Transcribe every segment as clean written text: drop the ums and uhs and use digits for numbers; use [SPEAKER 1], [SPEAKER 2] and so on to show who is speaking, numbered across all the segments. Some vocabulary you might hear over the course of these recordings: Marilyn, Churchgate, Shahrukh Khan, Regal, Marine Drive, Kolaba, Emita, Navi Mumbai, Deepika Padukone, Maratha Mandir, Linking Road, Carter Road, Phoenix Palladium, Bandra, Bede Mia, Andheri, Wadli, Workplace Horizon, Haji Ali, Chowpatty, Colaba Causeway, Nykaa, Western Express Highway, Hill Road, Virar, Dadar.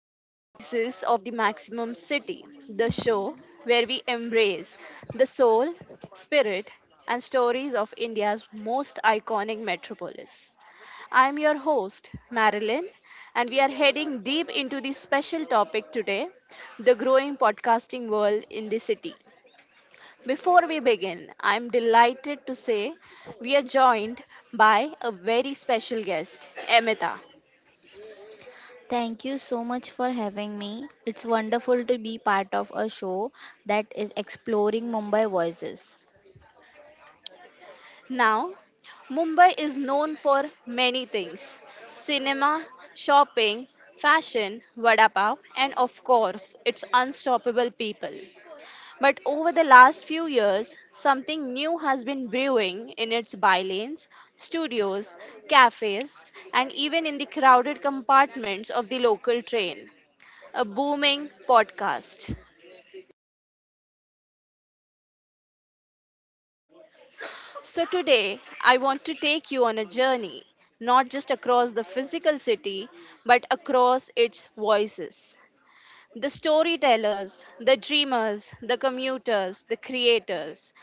[SPEAKER 1] to the Voices of the Maximum City, the show where we embrace the soul, spirit, and stories of India's most iconic metropolis. I'm your host, Marilyn, and we are heading deep into the special topic today, the growing podcasting world in the city. Before we begin, I'm delighted to say we are joined by a very special guest, Emita.
[SPEAKER 2] Thank you so much for having me. It's wonderful to be part of a show that is exploring Mumbai voices.
[SPEAKER 1] Now, Mumbai is known for many things: cinema, shopping, fashion, vada pav, and of course, its unstoppable people. But over the last few years, something new has been brewing in its bylanes, studios, cafes, and even in the crowded compartments of the local train, a booming podcast. So, today I want to take you on a journey, not just across the physical city, but across its voices. The storytellers, the dreamers, the commuters, the creators,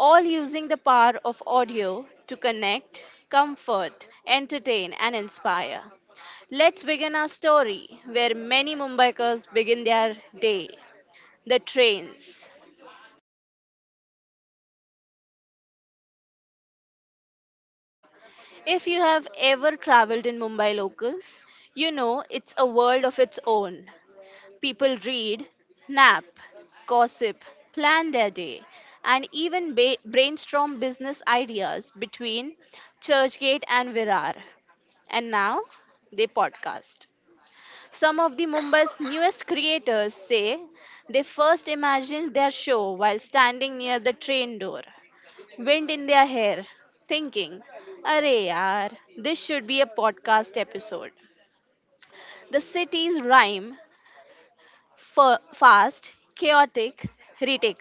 [SPEAKER 1] all using the power of audio to connect, comfort, entertain, and inspire. Let's begin our story where many Mumbaikars begin their day, the trains. If you have ever traveled in Mumbai locals, you know it's a world of its own. People read, nap, gossip, plan their day, and even brainstorm business ideas between Churchgate and Virar. And now they podcast. Some of the Mumbai's newest creators say they first imagined their show while standing near the train door, wind in their hair, thinking, Arey yaar, this should be a podcast episode. The cities rhyme fa- fast, chaotic, retic.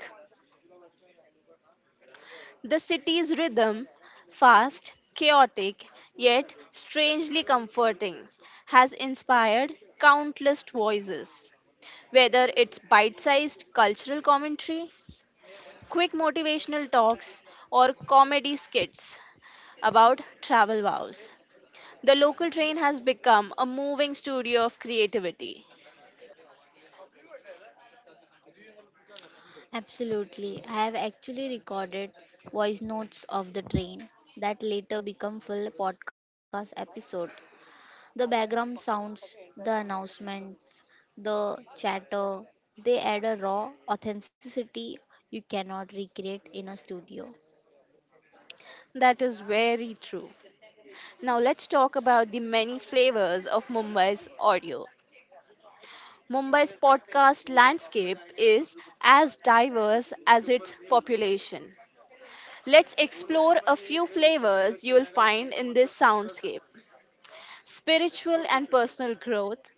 [SPEAKER 1] The city's rhythm, fast, chaotic, yet strangely comforting, has inspired countless voices. Whether it's bite sized cultural commentary, quick motivational talks, or comedy skits about travel vows, the local train has become a moving studio of creativity.
[SPEAKER 2] Absolutely. I have actually recorded voice notes of the train that later become full podcast episode. The background sounds, the announcements, the chatter, they add a raw authenticity you cannot recreate in a studio.
[SPEAKER 1] That is very true. Now let's talk about the many flavors of Mumbai's audio. Mumbai's podcast landscape is as diverse as its population. Let's explore a few flavors you will find in this soundscape: spiritual and personal growth,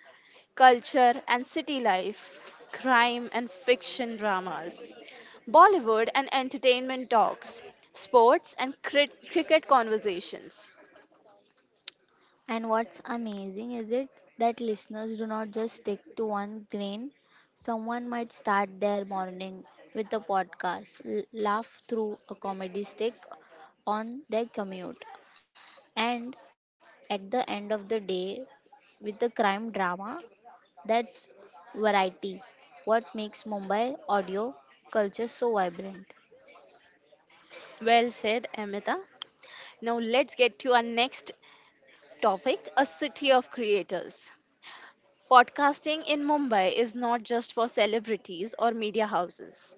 [SPEAKER 1] culture and city life, crime and fiction dramas, Bollywood and entertainment talks, sports and cricket conversations.
[SPEAKER 2] And what's amazing is it that listeners do not just stick to one grain. Someone might start their morning with a podcast, laugh through a comedy stick on their commute, and at the end of the day with a crime drama. That's variety. What makes Mumbai audio culture so vibrant?
[SPEAKER 1] Well said, Amita. Now let's get to our next topic, a city of creators. Podcasting in Mumbai is not just for celebrities or media houses.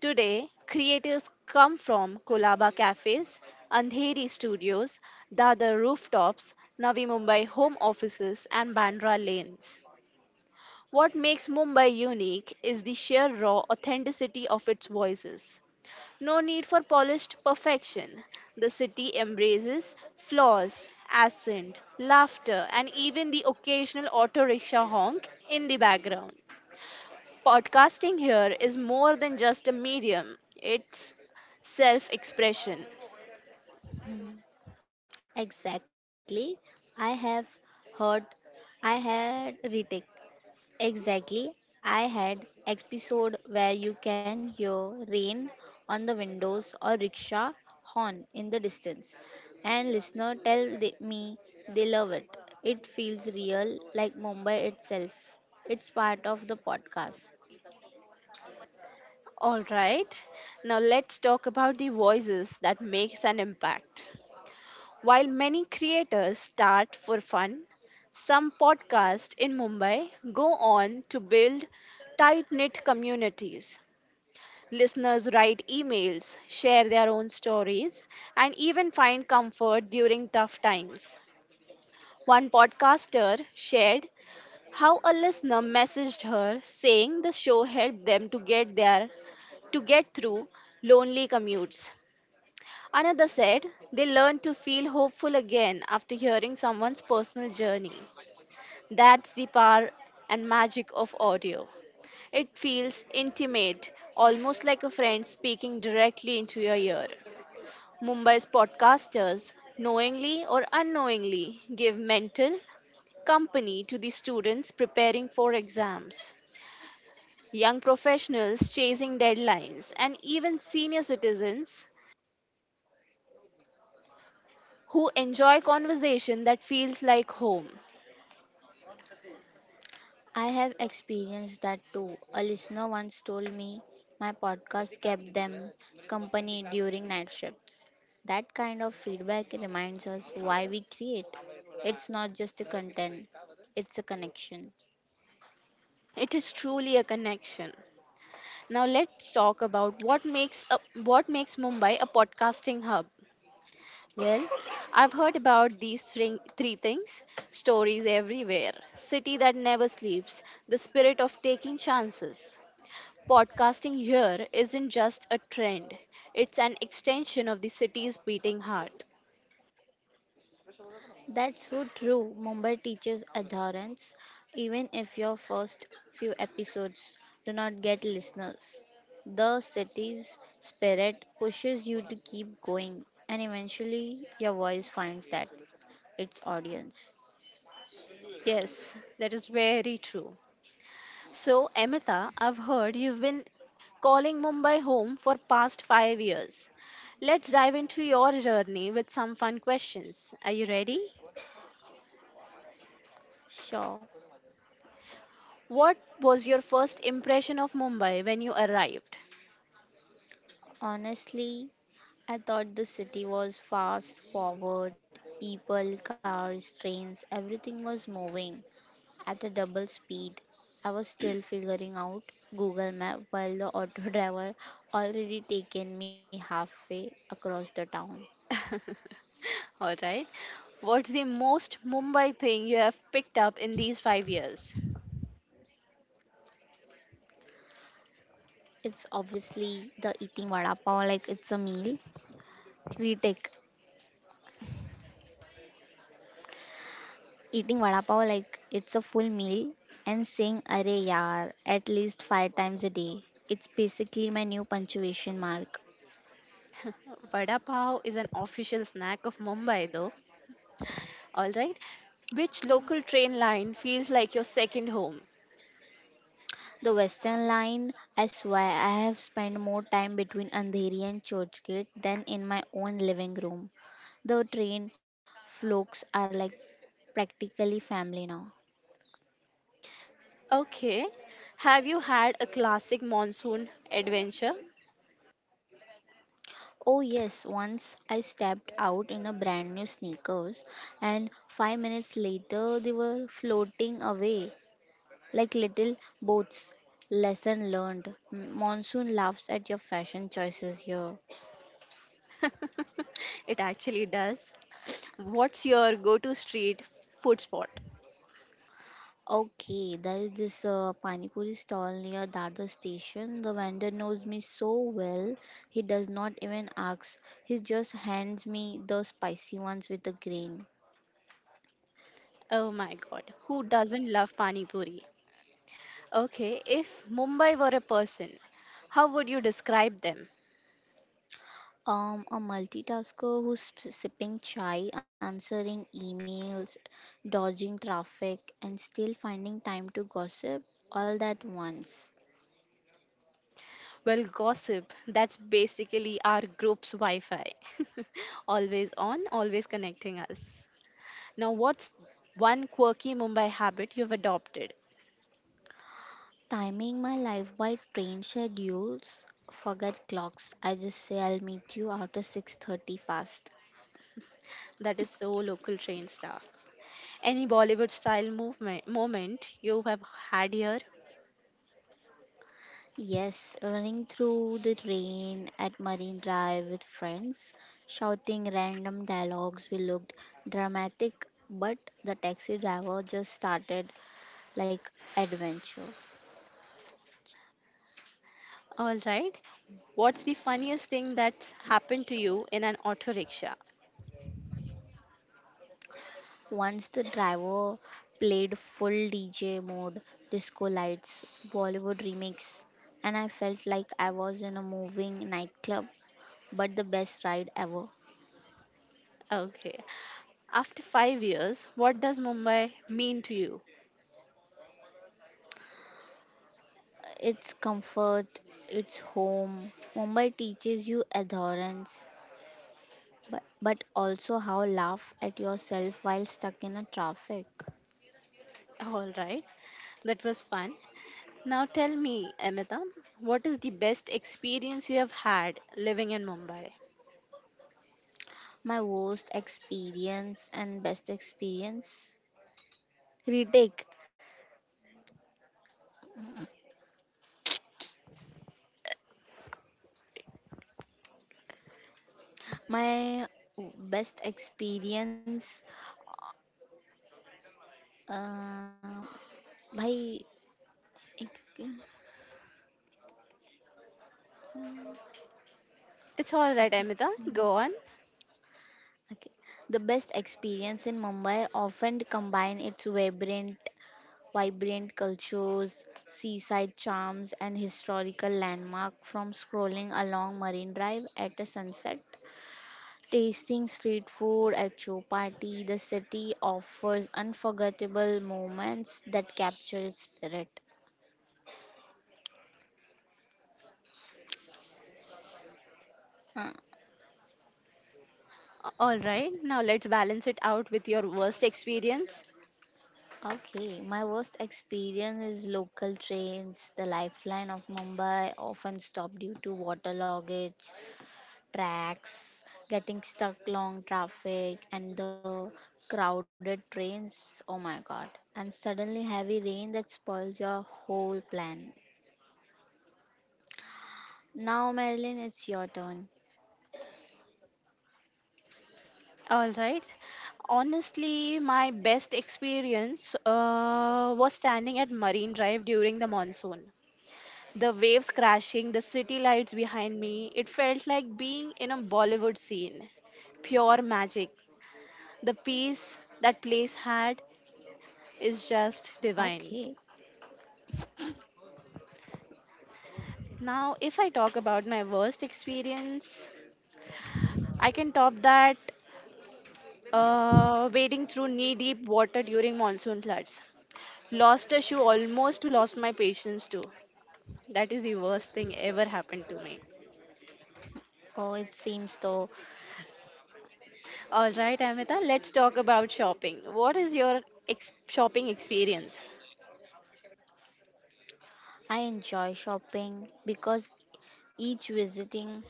[SPEAKER 1] Today, creators come from Kolaba cafes, Andheri studios, Dadar rooftops, Navi Mumbai home offices, and Bandra lanes. What makes Mumbai unique is the sheer raw authenticity of its voices. No need for polished perfection. The city embraces flaws, accent, laughter, and even the occasional auto rickshaw honk in the background. Podcasting here is more than just a medium, it's self expression.
[SPEAKER 2] Exactly. I have heard I had retake Exactly. I had episode where you can hear rain on the windows or rickshaw horn in the distance and listener tell me they love it. It feels real like Mumbai itself. It's part of the podcast.
[SPEAKER 1] All right, now let's talk about the voices that makes an impact. While many creators start for fun, some podcasts in Mumbai go on to build tight knit communities. Listeners write emails, share their own stories, and even find comfort during tough times. One podcaster shared how a listener messaged her saying the show helped them to get through lonely commutes. Another said they learned to feel hopeful again after hearing someone's personal journey. That's the power and magic of audio. It feels intimate, almost like a friend speaking directly into your ear. Mumbai's podcasters, knowingly or unknowingly, give mental company to the students preparing for exams, young professionals chasing deadlines, and even senior citizens who enjoy conversation that feels like home.
[SPEAKER 2] I have experienced that too. A listener once told me my podcast kept them company during night shifts. That kind of feedback reminds us why we create. It's not just a content, it's a connection.
[SPEAKER 1] It is truly a connection. Now let's talk about what makes Mumbai a podcasting hub. Well, I've heard about these three things: stories everywhere, city that never sleeps, the spirit of taking chances. Podcasting here isn't just a trend; it's an extension of the city's beating heart.
[SPEAKER 2] That's so true. Mumbai teaches adherence. Even if your first few episodes do not get listeners, the city's spirit pushes you to keep going, and eventually your voice finds that its audience.
[SPEAKER 1] Yes, that is very true. So, Amita, I've heard you've been calling Mumbai home for past 5 years. Let's dive into your journey with some fun questions. Are you ready?
[SPEAKER 2] Sure.
[SPEAKER 1] What was your first impression of Mumbai when you arrived?
[SPEAKER 2] Honestly, I thought the city was fast forward. People, cars, trains, everything was moving at a double speed. I was still figuring out Google Map while the auto driver already taken me halfway across the town.
[SPEAKER 1] All right. What's the most Mumbai thing you have picked up in these 5 years?
[SPEAKER 2] It's obviously the eating vada pav like it's a meal. Retake. Eating vada pav like it's a full meal and saying "Arey yaar" at least five times a day. It's basically my new punctuation mark.
[SPEAKER 1] Vada pav is an official snack of Mumbai though. All right. Which local train line feels like your second home?
[SPEAKER 2] The Western line, I swear, I have spent more time between Andheri and Churchgate than in my own living room. The train folks are like practically family now.
[SPEAKER 1] Okay. Have you had a classic monsoon adventure?
[SPEAKER 2] Oh, yes, once I stepped out in a brand new sneakers, and 5 minutes later they were floating away, like little boats. Lesson learned. Monsoon laughs at your fashion choices here.
[SPEAKER 1] It actually does. What's your go-to street food spot?
[SPEAKER 2] Okay, there is this pani puri stall near Dadar station. The vendor knows me so well, he does not even ask. He just hands me the spicy ones with the grain.
[SPEAKER 1] Oh my God, who doesn't love pani puri? Okay, if Mumbai were a person, how would you describe them?
[SPEAKER 2] A multitasker who's sipping chai, answering emails, dodging traffic, and still finding time to gossip all that once.
[SPEAKER 1] Well, gossip, that's basically our group's Wi-Fi. Always on, always connecting us. Now, what's one quirky Mumbai habit you've adopted
[SPEAKER 2] Timing my life by train schedules, forget clocks. I just say I'll meet you after 6:30 fast.
[SPEAKER 1] that is so local train star? Any Bollywood style movement moment you have had here?
[SPEAKER 2] Yes, running through the rain at Marine Drive with friends, shouting random dialogues. We looked dramatic, but the taxi driver just started like adventure.
[SPEAKER 1] All right.
[SPEAKER 2] Mm,
[SPEAKER 1] What's the funniest thing
[SPEAKER 2] adventure.
[SPEAKER 1] that's happened to you in an auto rickshaw?
[SPEAKER 2] Once the driver played full DJ mode, disco lights, Bollywood remix, and I felt like I was in a moving nightclub, but the best ride ever.
[SPEAKER 1] Okay. After 5 years, what does Mumbai mean to you?
[SPEAKER 2] It's comfort, it's home. Mumbai teaches you adherence, but also how laugh at yourself while stuck in a traffic.
[SPEAKER 1] All right. That was fun. Now tell me, Amita, what is the best experience you have had living in Mumbai?
[SPEAKER 2] My worst experience and best experience retake My best experience. Um, Bhai, okay,
[SPEAKER 1] It's all right,
[SPEAKER 2] okay,
[SPEAKER 1] Amita.
[SPEAKER 2] मतलब,
[SPEAKER 1] Go on.
[SPEAKER 2] okay. The best experience in Mumbai often combine its vibrant cultures, seaside charms, and historical landmark. From scrolling along Marine Drive at a sunset, tasting street food at Chowpatty, the city offers unforgettable moments that capture its spirit.
[SPEAKER 1] All right. Now let's balance it out with your worst experience.
[SPEAKER 2] Okay, my worst experience is local trains. The lifeline of Mumbai often stopped due to water loggage, tracks, getting stuck long traffic, and the crowded trains. Oh my God. And suddenly heavy rain that spoils your whole plan. Now, Marilyn, it's your turn.
[SPEAKER 1] All right. Honestly, my best experience was standing at Marine Drive during the monsoon. The waves crashing, the city lights behind me, it felt like being in a Bollywood scene. Pure magic. The peace that place had
[SPEAKER 2] Okay.
[SPEAKER 1] is just divine. Now, if I talk about my worst experience, I can top that, wading through knee deep water during monsoon floods. Lost a shoe, almost lost my patience too. That is the worst thing ever happened to me.
[SPEAKER 2] Oh, it seems though.
[SPEAKER 1] All right, Amita, let's talk about shopping. What is your shopping experience?
[SPEAKER 2] I enjoy shopping because each visiting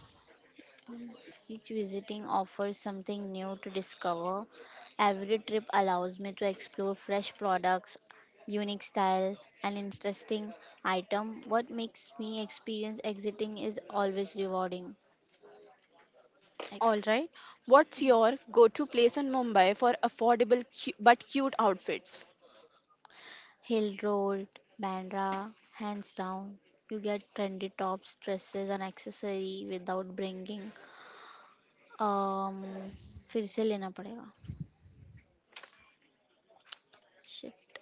[SPEAKER 2] each visiting offers something new to discover. Every trip allows me to explore fresh products, unique style, and interesting item. What makes me experience exiting is always rewarding. Like
[SPEAKER 1] All right, what's your go to place in Mumbai for affordable but cute outfits?
[SPEAKER 2] Hill Road, Bandra, hands down. You get trendy tops, dresses, and accessory without bringing um फिर से लेना पड़ेगा, shit,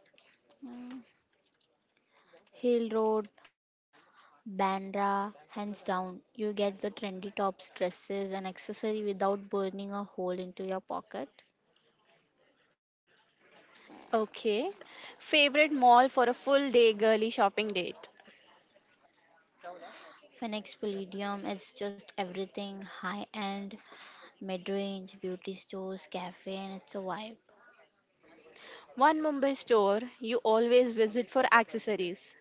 [SPEAKER 2] hill road, Bandra, hands down. You get the trendy tops, dresses, and accessory without burning a hole into your pocket.
[SPEAKER 1] Okay, favorite mall for a full day girly shopping date?
[SPEAKER 2] Phoenix Palladium is just everything high end, mid range, beauty stores, cafe, and it's a vibe.
[SPEAKER 1] One Mumbai store you always visit for accessories.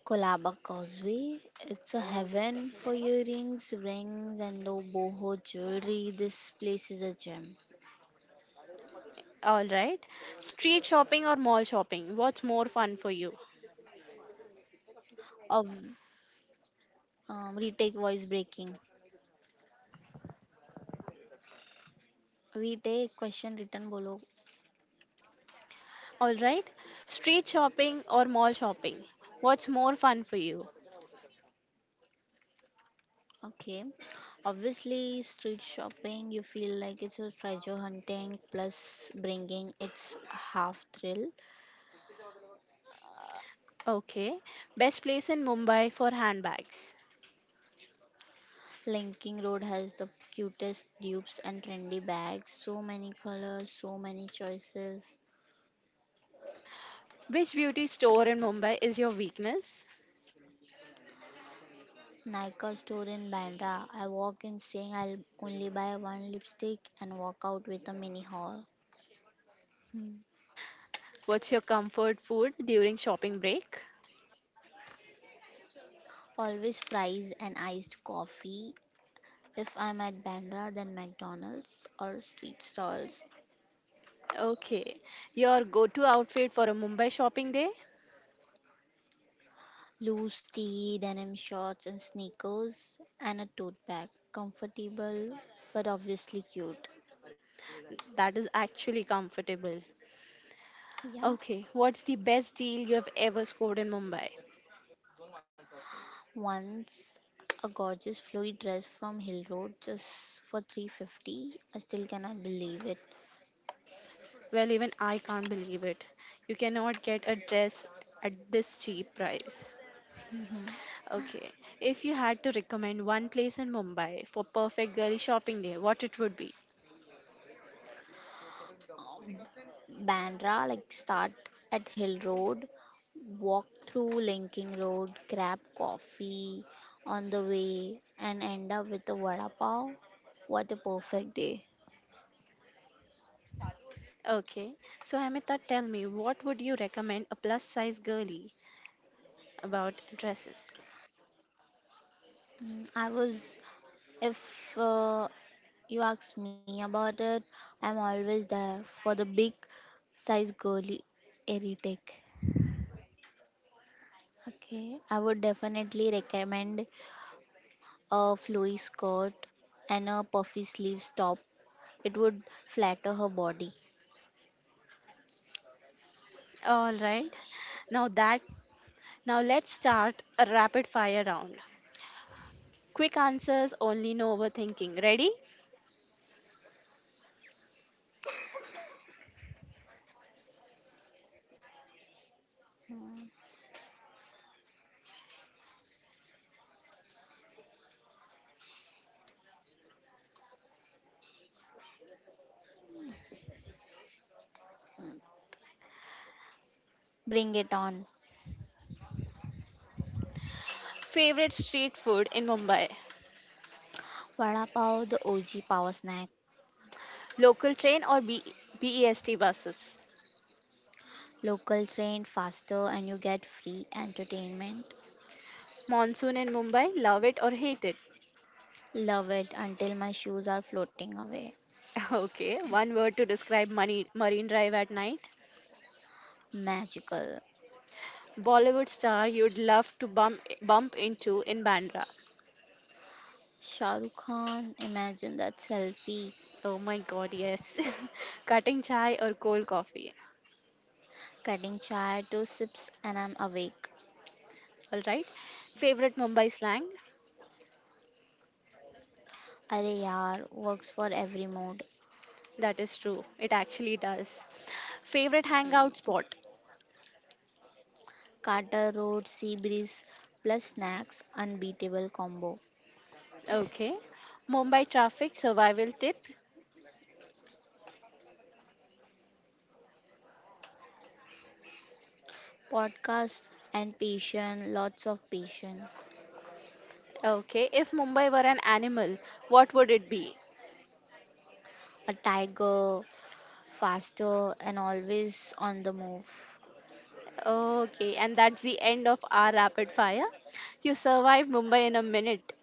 [SPEAKER 2] Colaba Causeway, it's a heaven for earrings, rings, and low boho jewelry. This place is a gem.
[SPEAKER 1] All right, street shopping or mall shopping? What's more fun for you?
[SPEAKER 2] Of retake voice breaking. Retake question written below.
[SPEAKER 1] All right. Street shopping or mall shopping? What's more fun for you?
[SPEAKER 2] Okay. Obviously, street shopping, you feel like it's a treasure hunting plus bringing its half thrill.
[SPEAKER 1] Okay. Best place in Mumbai for handbags.
[SPEAKER 2] Linking Road has the cutest dupes and trendy bags. So many colors, so many choices.
[SPEAKER 1] Which beauty store in Mumbai is your weakness?
[SPEAKER 2] Nykaa store in Bandra. I walk in saying I'll only buy one lipstick and walk out with a mini haul. Hmm.
[SPEAKER 1] What's your comfort food during shopping break?
[SPEAKER 2] Always fries and iced coffee. If I'm at Bandra, then McDonald's or street stalls.
[SPEAKER 1] Okay. Your go to outfit for a Mumbai shopping day?
[SPEAKER 2] Loose tee, denim shorts and sneakers, and a tote bag. Comfortable but obviously cute.
[SPEAKER 1] That is actually comfortable.
[SPEAKER 2] Yeah.
[SPEAKER 1] Okay. What's the best deal you have ever scored in Mumbai?
[SPEAKER 2] Once a gorgeous flowy dress from Hill Road just for 350. I still cannot believe it.
[SPEAKER 1] Well, even I can't believe it. You cannot get a dress at this cheap price. Okay. If you had to recommend one place in Mumbai for perfect girly shopping day, what it would be?
[SPEAKER 2] Bandra, like start at Hill Road, walk through Linking Road, grab coffee on the way and end up with a vada pav. What a perfect day.
[SPEAKER 1] Okay. So Amita, tell me, what would you recommend a plus size girly about dresses?
[SPEAKER 2] Mm, I was if You ask me about it, I'm always there for the big size goalie, Eritech. Okay, I would definitely recommend a flowy skirt and a puffy sleeves top. It would flatter her body.
[SPEAKER 1] All right. Now that now let's start a rapid fire round. Quick answers, only no overthinking. Ready?
[SPEAKER 2] Bring it on.
[SPEAKER 1] Favorite street food in Mumbai?
[SPEAKER 2] Vada Pav, the OG power snack.
[SPEAKER 1] Local train or BEST buses?
[SPEAKER 2] Local train faster and you get free entertainment.
[SPEAKER 1] Monsoon in Mumbai, love it or hate it?
[SPEAKER 2] Love it until my shoes are floating away.
[SPEAKER 1] Okay, one word to describe money, Marine Drive at night.
[SPEAKER 2] Magical.
[SPEAKER 1] Bollywood star you'd love to bump into in Bandra.
[SPEAKER 2] Shahrukh Khan, imagine that selfie.
[SPEAKER 1] Oh my God, yes. Cutting chai or cold coffee.
[SPEAKER 2] Cutting chai, two sips, and I'm awake.
[SPEAKER 1] All right. Favorite Mumbai slang?
[SPEAKER 2] Are yaar, works for every mood.
[SPEAKER 1] That is true. It actually does. Favorite hangout spot?
[SPEAKER 2] Carter Road, sea breeze, plus snacks, unbeatable combo.
[SPEAKER 1] Okay. Mumbai traffic survival tip?
[SPEAKER 2] Podcast and patient, lots of patient.
[SPEAKER 1] Okay. If Mumbai were an animal, what would it be?
[SPEAKER 2] A tiger, faster, and always on the move.
[SPEAKER 1] Okay, and that's the end of our rapid fire. You survived Mumbai in a minute.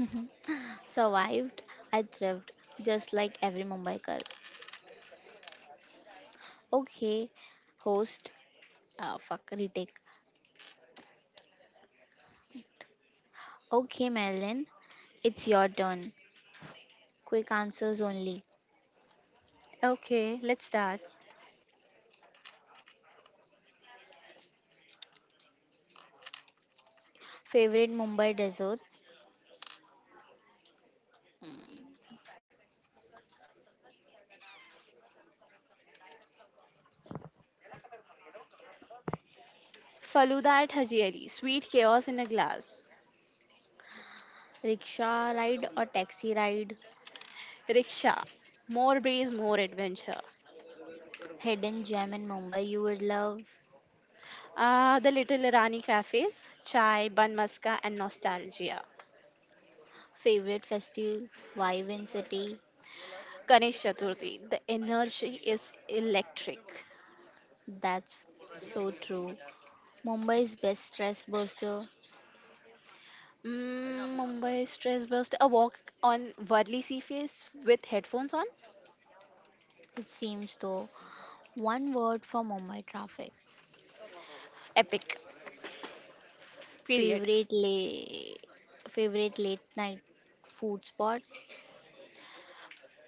[SPEAKER 2] Survived, I thrived, just like every Mumbai girl. Okay, host, fuck, retake. Okay, Marilyn, it's your turn. Quick answers only.
[SPEAKER 1] Okay, let's start.
[SPEAKER 2] Favorite Mumbai dessert?
[SPEAKER 1] Faluda at Haji Ali, sweet chaos in a glass.
[SPEAKER 2] Rickshaw ride or taxi ride?
[SPEAKER 1] Rickshaw, more breeze, more adventure.
[SPEAKER 2] Hidden gem in Mumbai you would love.
[SPEAKER 1] Ah, the Little Rani cafes, chai, bun maska, and nostalgia.
[SPEAKER 2] Favorite festival? Vibe in city?
[SPEAKER 1] Ganesh Chaturthi, the energy is electric.
[SPEAKER 2] That's so true. Mumbai's best stress buster.
[SPEAKER 1] Mumbai stress burst, a walk on Wadli sea face with headphones on,
[SPEAKER 2] It seems though. One word for Mumbai traffic.
[SPEAKER 1] epic. Period.
[SPEAKER 2] Favorite late Favorite late night food spot?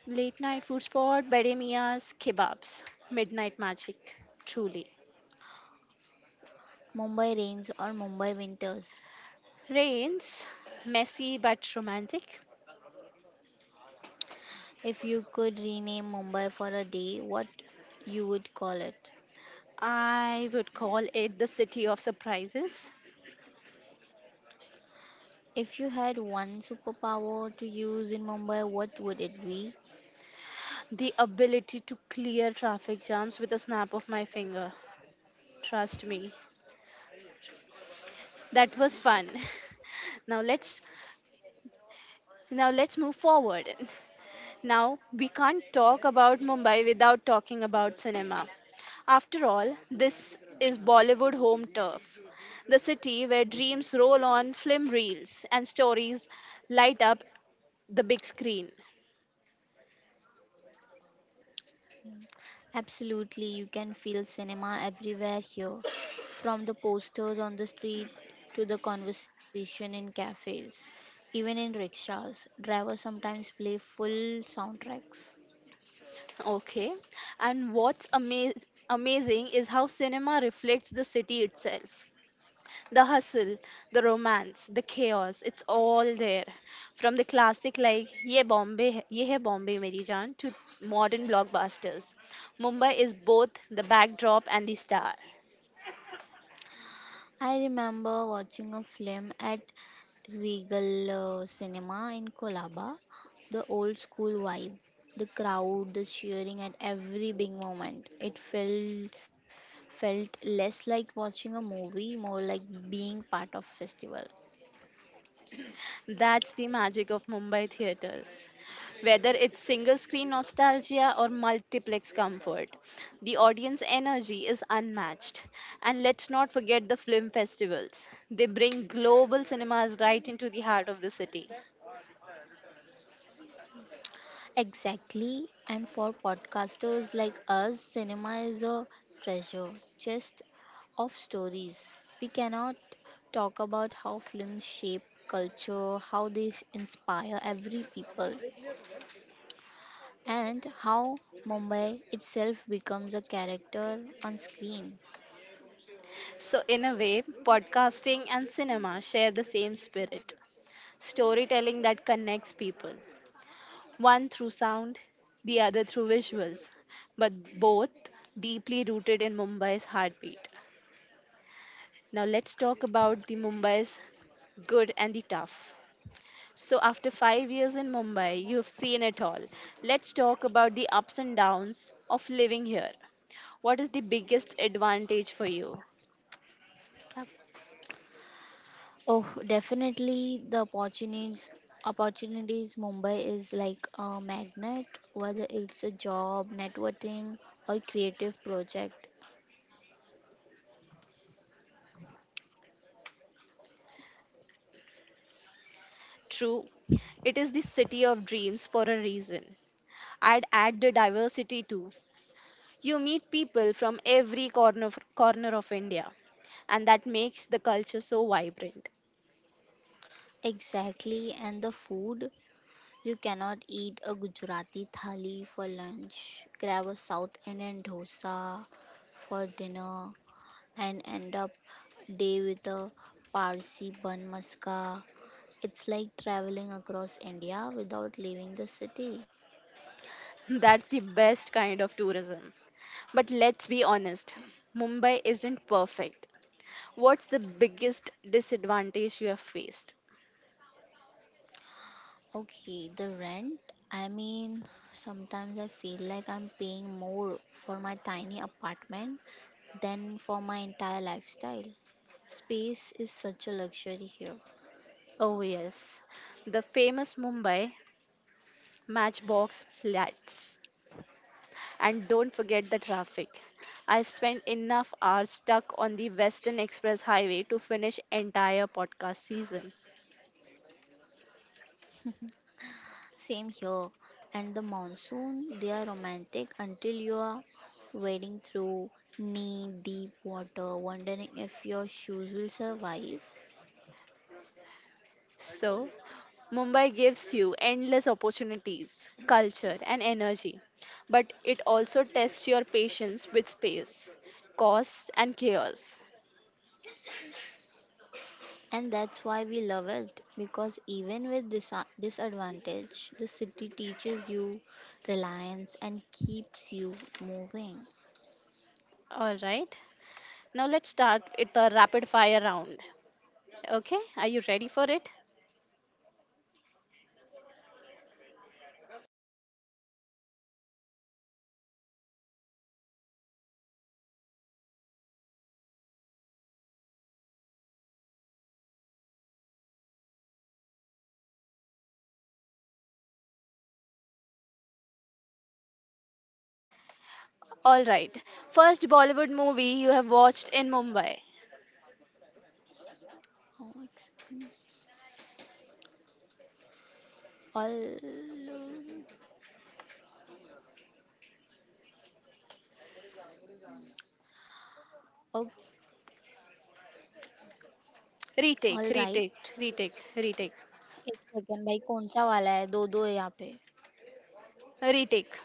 [SPEAKER 1] Late night food spot, Bede Mia's kebabs, midnight magic, truly.
[SPEAKER 2] Mumbai rains or Mumbai winters.
[SPEAKER 1] Rains, messy but romantic.
[SPEAKER 2] If you could rename Mumbai for a day, what you would call it?
[SPEAKER 1] I would call it the city of surprises.
[SPEAKER 2] If you had one superpower to use in Mumbai, what would it be?
[SPEAKER 1] The ability to clear traffic jams with a snap of my finger. Trust me, that was fun. now let's now let's move forward. Now we can't talk about Mumbai without talking about cinema. After all, this is Bollywood home turf, the city where dreams roll on film reels and stories light up the big screen.
[SPEAKER 2] Absolutely, you can feel cinema everywhere here, from the posters on the street to the conversation in cafes, even in rickshaws. Drivers sometimes play full soundtracks.
[SPEAKER 1] Okay. And what's amazing is how cinema reflects the city itself. The hustle, the romance, the chaos, it's all there. From the classic like Ye Bombay, Ye Hai Bombay Meri Jaan to modern blockbusters. Mumbai is both the backdrop and the star.
[SPEAKER 2] I remember watching a film at Regal Cinema in Kolaba. The old school vibe, the crowd, the cheering at every big moment. It felt less like watching a movie, more like being part of festival.
[SPEAKER 1] That's the magic of Mumbai theatres. Whether it's single screen nostalgia or multiplex comfort, the audience energy is unmatched. And let's not forget the film festivals. They bring global cinemas right into the heart of the city.
[SPEAKER 2] Exactly. And for podcasters like us, cinema is a treasure chest of stories. We cannot talk about how films shape culture, how they inspire every people, and how Mumbai itself becomes a character on screen.
[SPEAKER 1] So, in a way, podcasting and cinema share the same spirit: storytelling that connects people, one through sound, the other through visuals, but both deeply rooted in Mumbai's heartbeat. Now let's talk about the Mumbai's good and the tough. So after 5 years in Mumbai, you've seen it all. Let's talk about the ups and downs of living here. What is the biggest advantage for you?
[SPEAKER 2] Yep. Oh, definitely the opportunities. Mumbai is like a magnet, whether it's a job, networking, or creative project.
[SPEAKER 1] True, it is the city of dreams for a reason. I'd add the diversity too. You meet people from every corner of India, and that makes the culture so vibrant.
[SPEAKER 2] Exactly, and the food, you cannot eat a Gujarati thali for lunch, grab a South Indian dosa for dinner, and end up day with a Parsi bun maska. It's like traveling across India without leaving the city.
[SPEAKER 1] That's the best kind of tourism. But let's be honest, Mumbai isn't perfect. What's the biggest disadvantage you have faced?
[SPEAKER 2] Okay, the rent. I mean, sometimes I feel like I'm paying more for my tiny apartment than for my entire lifestyle. Space is such a luxury here.
[SPEAKER 1] Oh, yes, the famous Mumbai matchbox flats. And don't forget the traffic. I've spent enough hours stuck on the Western Express Highway to finish entire podcast season.
[SPEAKER 2] Same here. And the monsoon, they are romantic until you are wading through knee deep water, wondering if your shoes will survive.
[SPEAKER 1] So, Mumbai gives you endless opportunities, culture, and energy, but it also tests your patience with space, cost, and chaos.
[SPEAKER 2] And that's why we love it because even with this disadvantage, the city teaches you reliance and keeps you moving.
[SPEAKER 1] All right, now let's start with the rapid fire round. Okay, are you ready for it? All right, first Bollywood movie you have watched in Mumbai.
[SPEAKER 2] How much- All, o- All
[SPEAKER 1] Retake,
[SPEAKER 2] right.
[SPEAKER 1] retake, retake, retake,
[SPEAKER 2] एक second भाई, कौन सा वाला है? दो दो है यहाँ पे.
[SPEAKER 1] retake.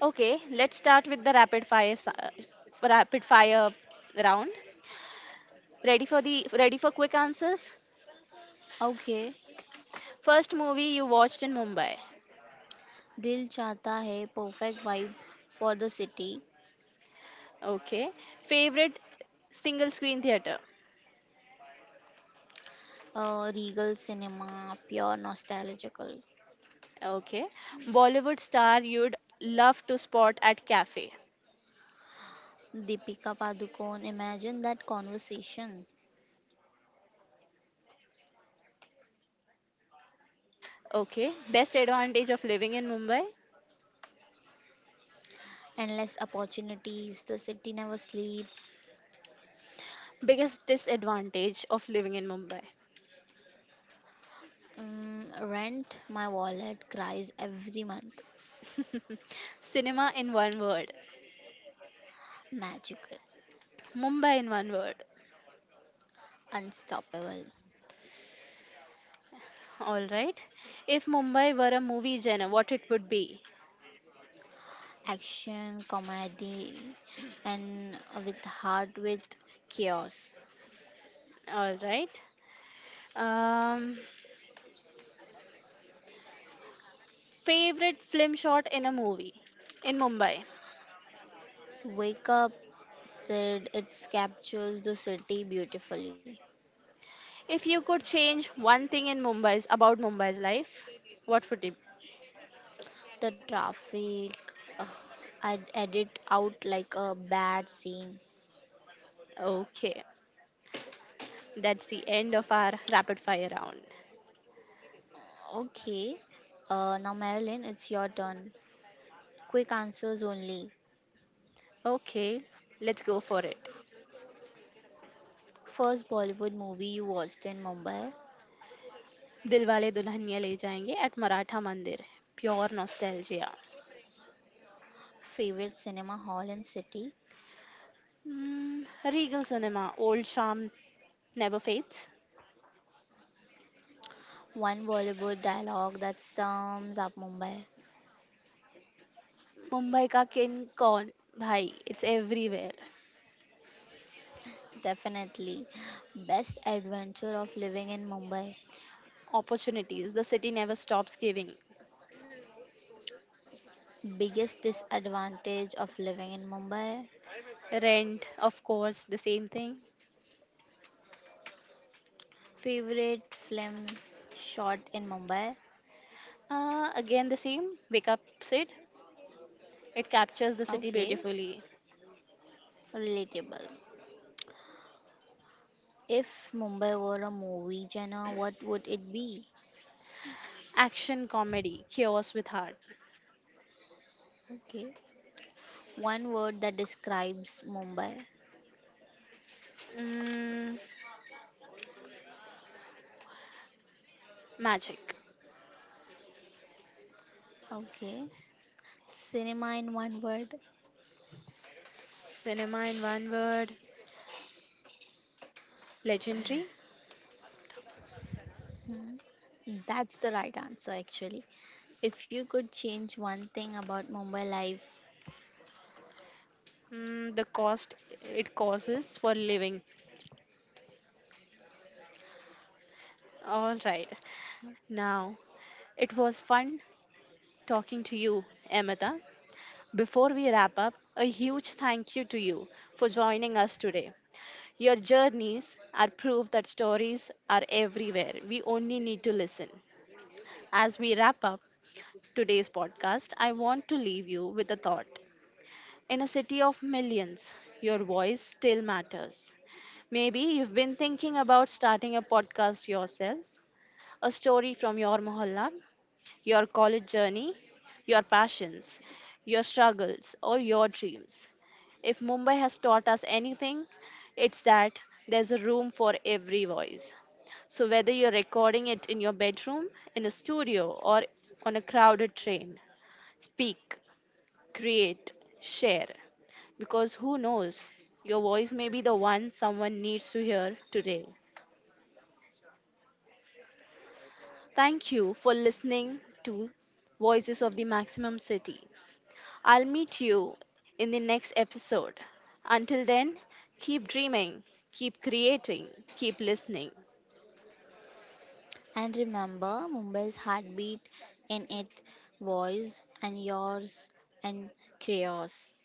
[SPEAKER 1] Okay, let's start with the rapid fire round. Ready for quick answers?
[SPEAKER 2] Okay.
[SPEAKER 1] First movie you watched in Mumbai.
[SPEAKER 2] Dil Chahta Hai, perfect vibe for the city.
[SPEAKER 1] Okay. Favorite single screen theater.
[SPEAKER 2] Regal Cinema, pure nostalgical.
[SPEAKER 1] Okay. Bollywood star you'd love to spot at cafe.
[SPEAKER 2] Deepika Padukone, imagine that conversation.
[SPEAKER 1] Okay. Best advantage of living in Mumbai.
[SPEAKER 2] Endless opportunities. The city never sleeps.
[SPEAKER 1] Biggest disadvantage of living in Mumbai.
[SPEAKER 2] Mm, rent, my wallet cries every month.
[SPEAKER 1] Cinema in one word.
[SPEAKER 2] Magical.
[SPEAKER 1] Mumbai in one word.
[SPEAKER 2] Unstoppable.
[SPEAKER 1] All right. If Mumbai were a movie genre, what it would be.
[SPEAKER 2] Action, comedy, and with heart with chaos.
[SPEAKER 1] All right. Um, favorite film shot in a movie in Mumbai.
[SPEAKER 2] Wake Up, said it captures the city beautifully.
[SPEAKER 1] If you could change one thing in Mumbai's about Mumbai's life, what would it
[SPEAKER 2] The traffic, ugh, I'd edit out like a bad scene.
[SPEAKER 1] be? Okay, that's the end of our rapid fire round.
[SPEAKER 2] Okay, now Marilyn, it's your turn. Quick answers only.
[SPEAKER 1] Okay, let's go for it.
[SPEAKER 2] First Bollywood movie you watched in Mumbai,
[SPEAKER 1] Dilwale Dulhania Le Jayenge at Maratha Mandir. Pure nostalgia.
[SPEAKER 2] favorite cinema hall and city,
[SPEAKER 1] Regal cinema, old charm never fades.
[SPEAKER 2] one Bollywood dialogue that sums up Mumbai.
[SPEAKER 1] Mumbai ka king con, bhai, it's everywhere.
[SPEAKER 2] Definitely. Best adventure of living in Mumbai,
[SPEAKER 1] Opportunities, the city never stops giving.
[SPEAKER 2] biggest disadvantage of living in Mumbai,
[SPEAKER 1] Rent, of course, the same thing.
[SPEAKER 2] favorite film shot in Mumbai.
[SPEAKER 1] Again the same. Wake up, Sid. It captures the city
[SPEAKER 2] Okay,
[SPEAKER 1] beautifully.
[SPEAKER 2] relatable. If Mumbai were a movie genre, what would it be?
[SPEAKER 1] Action comedy, chaos with heart.
[SPEAKER 2] Okay. One word that describes Mumbai.
[SPEAKER 1] Mm, Magic.
[SPEAKER 2] Okay. Cinema in one word.
[SPEAKER 1] Cinema in one word, legendary.
[SPEAKER 2] Hmm. That's the right answer, actually. If you could change one thing about Mumbai life,
[SPEAKER 1] The cost it causes for living. All right. Now, it was fun talking to you, Amita. Before we wrap up, a huge thank you to you for joining us today. Your journeys are proof that stories are everywhere. We only need to listen. As we wrap up, today's podcast, I want to leave you with a thought. In a city of millions, your voice still matters. Maybe you've been thinking about starting a podcast yourself, a story from your mohalla, your college journey, your passions, your struggles, or your dreams. If Mumbai has taught us anything, it's that there's a room for every voice. So, whether you're recording it in your bedroom, in a studio, or on a crowded train, speak, create, share. Because who knows, your voice may be the one someone needs to hear today. Thank you for listening to Voices of the Maximum City. I'll meet you in the next episode. Until then, keep dreaming, keep creating, keep listening.
[SPEAKER 2] and remember Mumbai's heartbeat in its voice and yours and chaos.